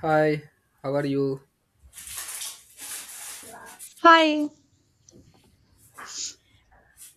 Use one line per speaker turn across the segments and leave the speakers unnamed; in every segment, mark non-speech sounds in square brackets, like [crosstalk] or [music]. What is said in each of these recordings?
Hi, how are you?
Hi.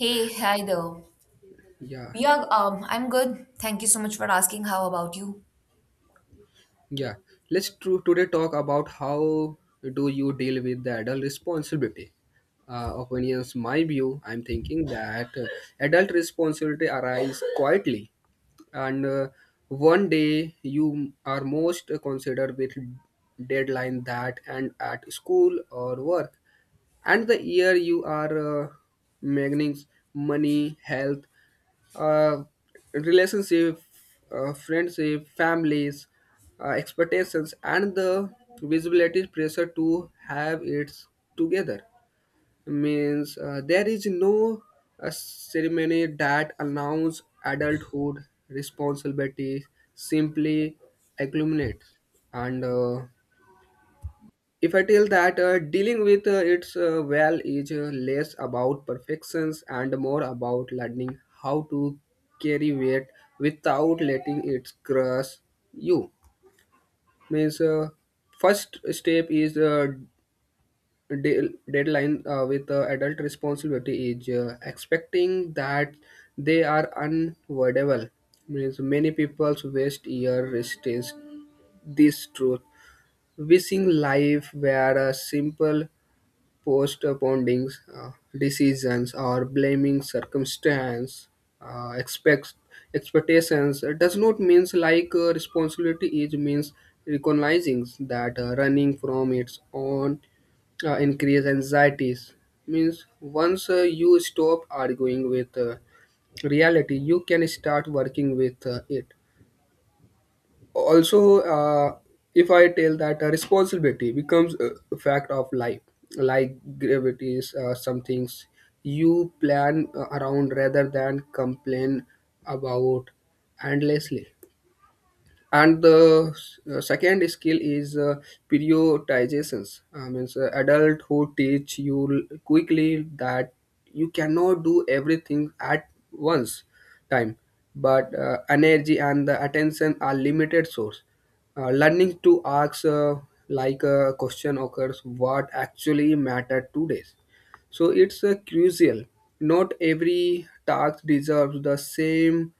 Hey, hi there.
Yeah,
Yeah, I'm good. Thank you so much for asking. How about you?
yeah. Today talk about how do you deal with the adult responsibility. Opinions, my view, I'm thinking that adult responsibility arises quietly, and one day you are most considered with deadline that and at school or work, and the year you are magnings, money, health, uh, relationship, friendship, families, expectations, and the visibility pressure to have it together. Means there is no ceremony that announces adulthood responsibility simply accumulates and if I tell that dealing with its well is less about perfections and more about learning how to carry weight without letting it crush you. Means first step is deadline with adult responsibility is expecting that they are unavoidable. Means many people waste year resist this truth, wishing life were simple postponing uh, decisions or blaming circumstance expects expectations does not means like responsibility it means recognizing that running from its own increase anxieties means once you stop arguing with reality you can start working with it also if I tell that responsibility becomes a fact of life like gravity is some things you plan around rather than complain about endlessly and the second skill is prioritizations I mean so adult who teach you quickly that you cannot do everything at once time but energy and the attention are limited source learning to ask like a question occurs what actually matter today so it's crucial not every task deserves the same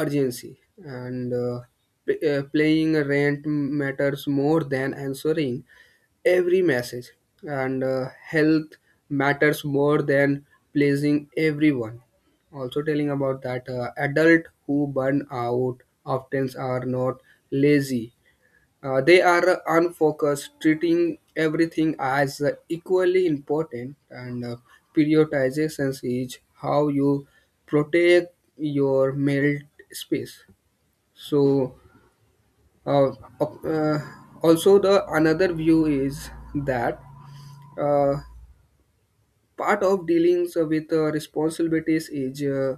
urgency and playing a rant matters more than answering every message and health matters more than pleasing everyone also telling about that adult who burn out often are not lazy. They are unfocused treating everything as equally important and prioritization is how you protect your mental space. so, uh, op- uh, Also the another view is that uh, part of dealing with responsibilities is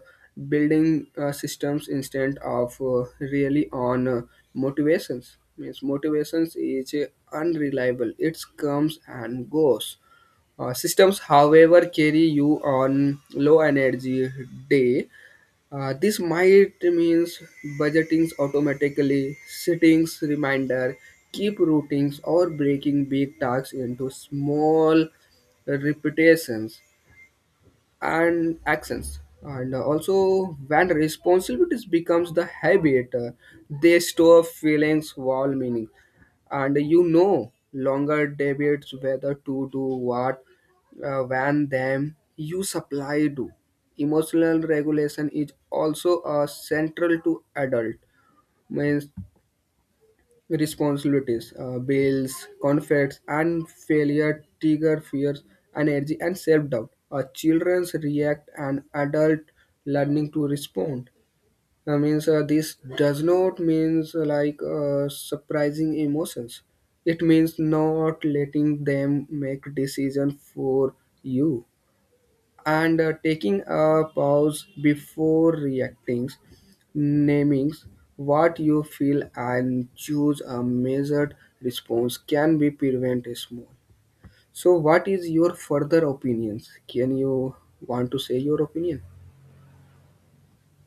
building systems instead of really on motivations. Means motivations is unreliable. It comes and goes. Systems, however, carry you on low energy day. This might means budgetings automatically, settings reminder, keep routings or breaking big tasks into small repetitions and accents and also when responsibilities becomes the habit they store feelings while meaning and you know longer debates whether to do what when them you supply do emotional regulation is also a central to adult means responsibilities, bills, conflicts, and failure trigger fears, energy, and self-doubt. Children react and adult learning to respond. Means this does not means like surprising emotions. It means not letting them make decision for you and taking a pause before reacting, naming what you feel and choose a measured response can be prevent a small. So, what is your further opinions? Can you want to say your opinion? [laughs]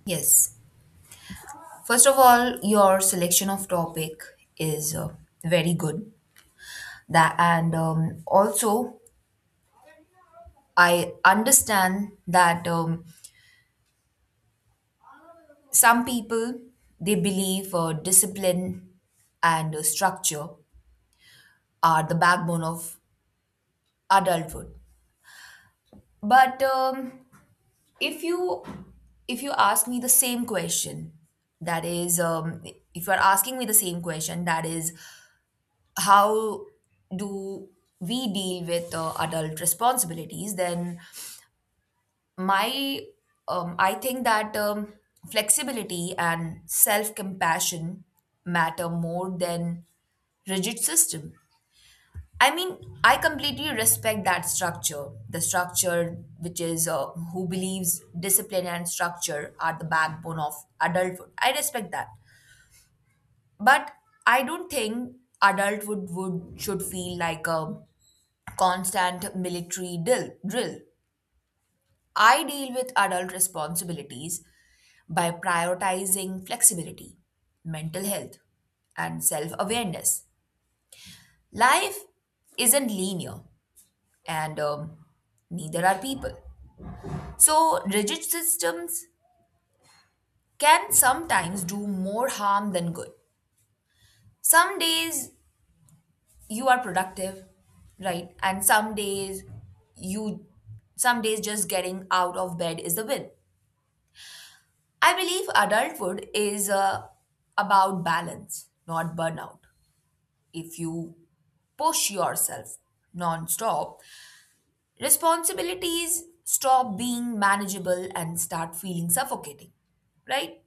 Yes. First of all, your selection of topic is very good. That and also, I understand that some people they believe discipline and structure are the backbone of adulthood. But if you if you ask me the same question that is if you're asking me the same question, that is how do we deal with adult responsibilities, then my I think that flexibility and self compassion matter more than rigid system. I mean, I completely respect that structure. The structure, which is who believes discipline and structure are the backbone of adulthood. I respect that, but I don't think adulthood would should feel like a constant military drill. I deal with adult responsibilities by prioritizing flexibility, mental health, and self awareness. Life isn't linear, and neither are people. So, rigid systems can sometimes do more harm than good. Some days you are productive, right? And some days you, some days just getting out of bed is the win. I believe adulthood is about balance, not burnout. If you push yourself non-stop, responsibilities stop being manageable and start feeling suffocating, right?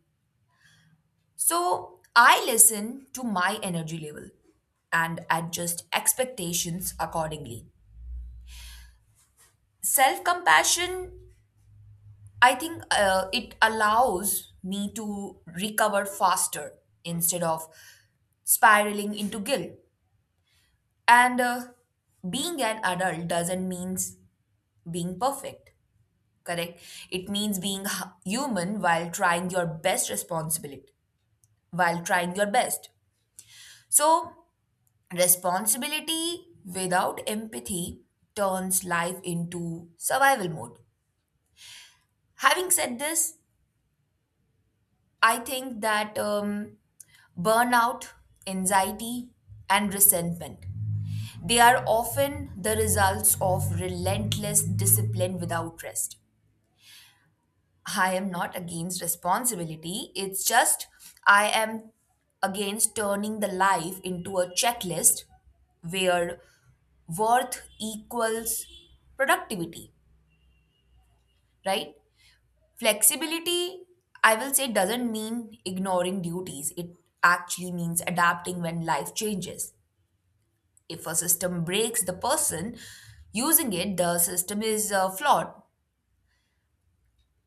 So I listen to my energy level and adjust expectations accordingly. Self compassion, I think it allows me to recover faster instead of spiraling into guilt. And being an adult doesn't mean being perfect, correct? It means being human while trying your best while trying your best. So responsibility without empathy turns life into survival mode. Having said this, I think that burnout, anxiety, and resentment, they are often the results of relentless discipline without rest. I am not against responsibility, it's just I am against turning the life into a checklist where worth equals productivity, right? Flexibility, I will say, doesn't mean ignoring duties. It actually means adapting when life changes. If a system breaks the person using it, the system is flawed.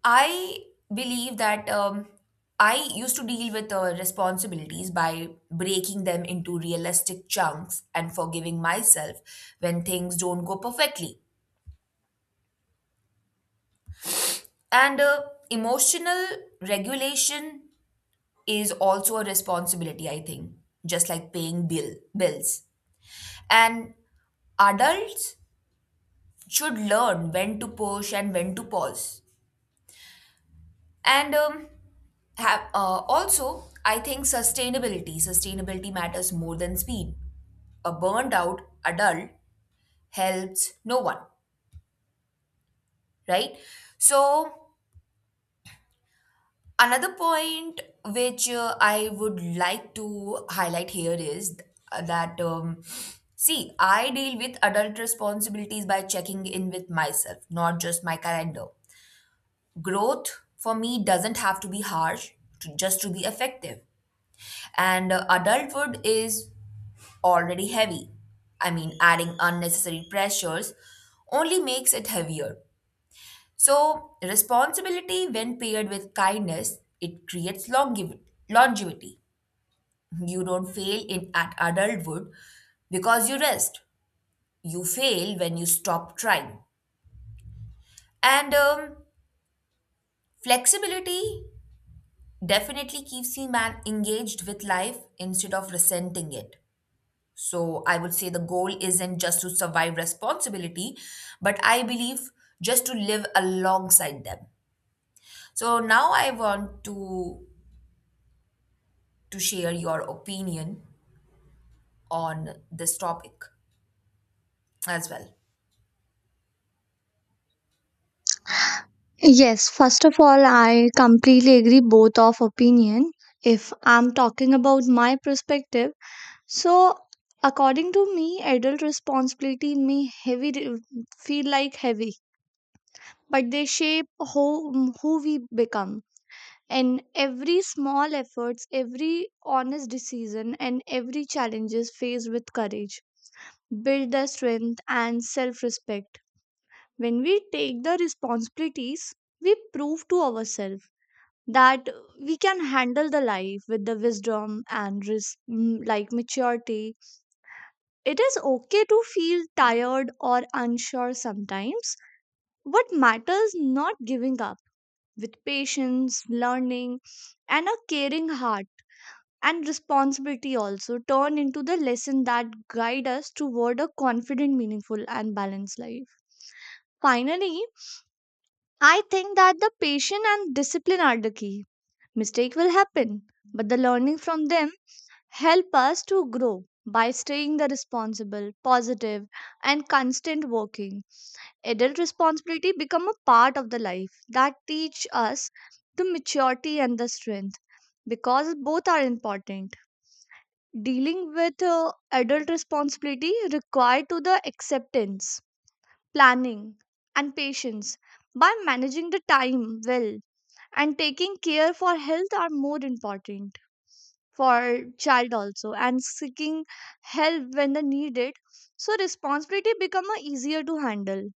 I believe that I used to deal with responsibilities by breaking them into realistic chunks and forgiving myself when things don't go perfectly. And emotional regulation is also a responsibility, I think, just like paying bills. And adults should learn when to push and when to pause. And have also, I think sustainability matters more than speed. A burned out adult helps no one, right? So another point which I would like to highlight here is that, see, I deal with adult responsibilities by checking in with myself, not just my calendar. Growth for me doesn't have to be harsh just to be effective. And adulthood is already heavy. I mean, adding unnecessary pressures only makes it heavier. So, responsibility, when paired with kindness, it creates longevity. You don't fail in at adulthood because you rest. You fail when you stop trying. And flexibility definitely keeps a man engaged with life instead of resenting it. So, I would say the goal isn't just to survive responsibility, but I believe just to live alongside them. So, now I want to share your opinion on this topic as well.
Yes, first of all, I completely agree both of opinion. If I'm talking about my perspective, so according to me, adult responsibility may feel like heavy, but they shape who who we become. And every small efforts, every honest decision, and every challenges faced with courage build the strength and self-respect. When we take the responsibilities, we prove to ourselves that we can handle the life with the wisdom and like maturity. It is okay to feel tired or unsure sometimes. What matters not giving up with patience learning and a caring heart, and responsibility also turn into the lesson that guide us toward a confident meaningful and balanced life. Finally, I think that the patience and discipline are the key. Mistake will happen, but the learning from them help us to grow by staying the responsible positive and constant working. Adult responsibility become a part of the life that teach us the maturity and the strength because both are important. Dealing with adult responsibility required to the acceptance, planning, and patience. By managing the time well and taking care for health are more important for child also, and seeking help when they need it, so responsibility become a easier to handle.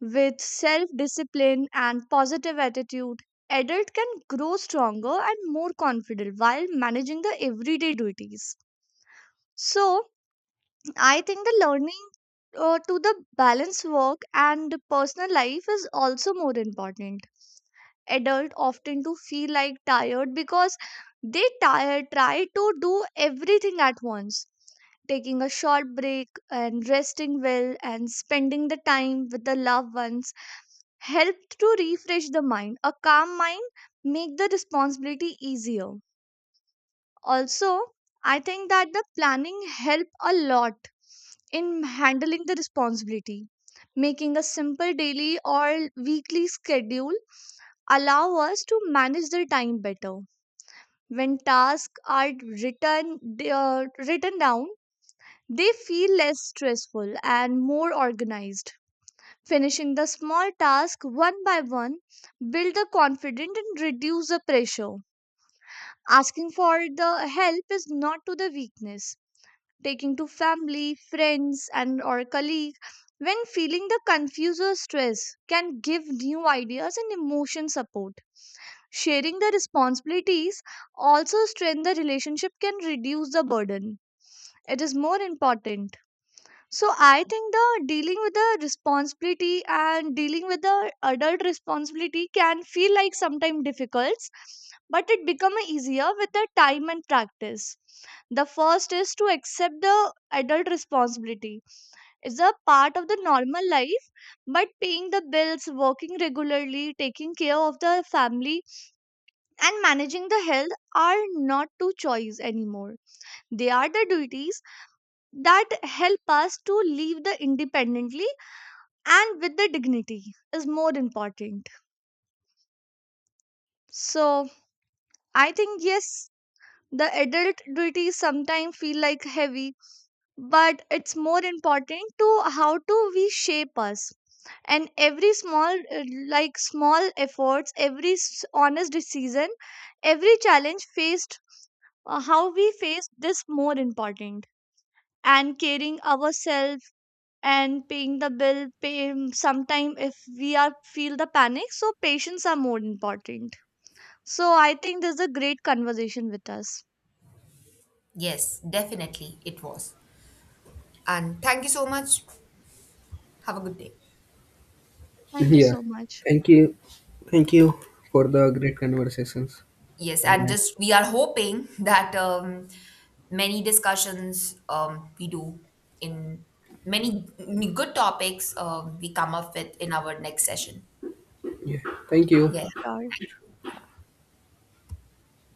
With self discipline and positive attitude, adult can grow stronger and more confident while managing the everyday duties. So I think the learning to the balance work and personal life is also more important. Adult often to feel like tired because they tire, try to do everything at once. Taking a short break and resting well and spending the time with the loved ones helped to refresh the mind. A calm mind make the responsibility easier. Also, I think that the planning help a lot in handling the responsibility. Making a simple daily or weekly schedule allow us to manage their time better. When tasks are written down, they feel less stressful and more organized. Finishing the small task one by one build the confidence and reduce the pressure. Asking for the help is not to the weakness. Taking to family, friends, and or colleague when feeling the confused or stress can give new ideas and emotion support. Sharing the responsibilities also strengthen the relationship can reduce the burden. It is more important. So I think the dealing with the responsibility and dealing with the adult responsibility can feel like sometimes difficult, but it become easier with the time and practice. The first is to accept the adult responsibility. It's a part of the normal life, but paying the bills, working regularly, taking care of the family, and managing the health are not two choice anymore. They are the duties that help us to live the independently and with the dignity is more important. So I think yes, the adult duties sometimes feel like heavy, but it's more important to how to we shape us. And every small like small efforts, every honest decision, every challenge faced, how we face this more important. And caring ourselves and paying the bill pay sometime if we are feel the panic, so patience are more important. So I think this is a great conversation with us.
Yes, definitely it was. And thank you so much. Have a good day.
Thank you
Yeah.
so much.
Thank you. Thank you for the great conversations.
Yes,
Have a
and
nice.
just we are hoping [laughs] that many discussions we do in many good topics we come up with in our next session.
Yeah. Thank you.
Yeah.
Sure.
Thank you.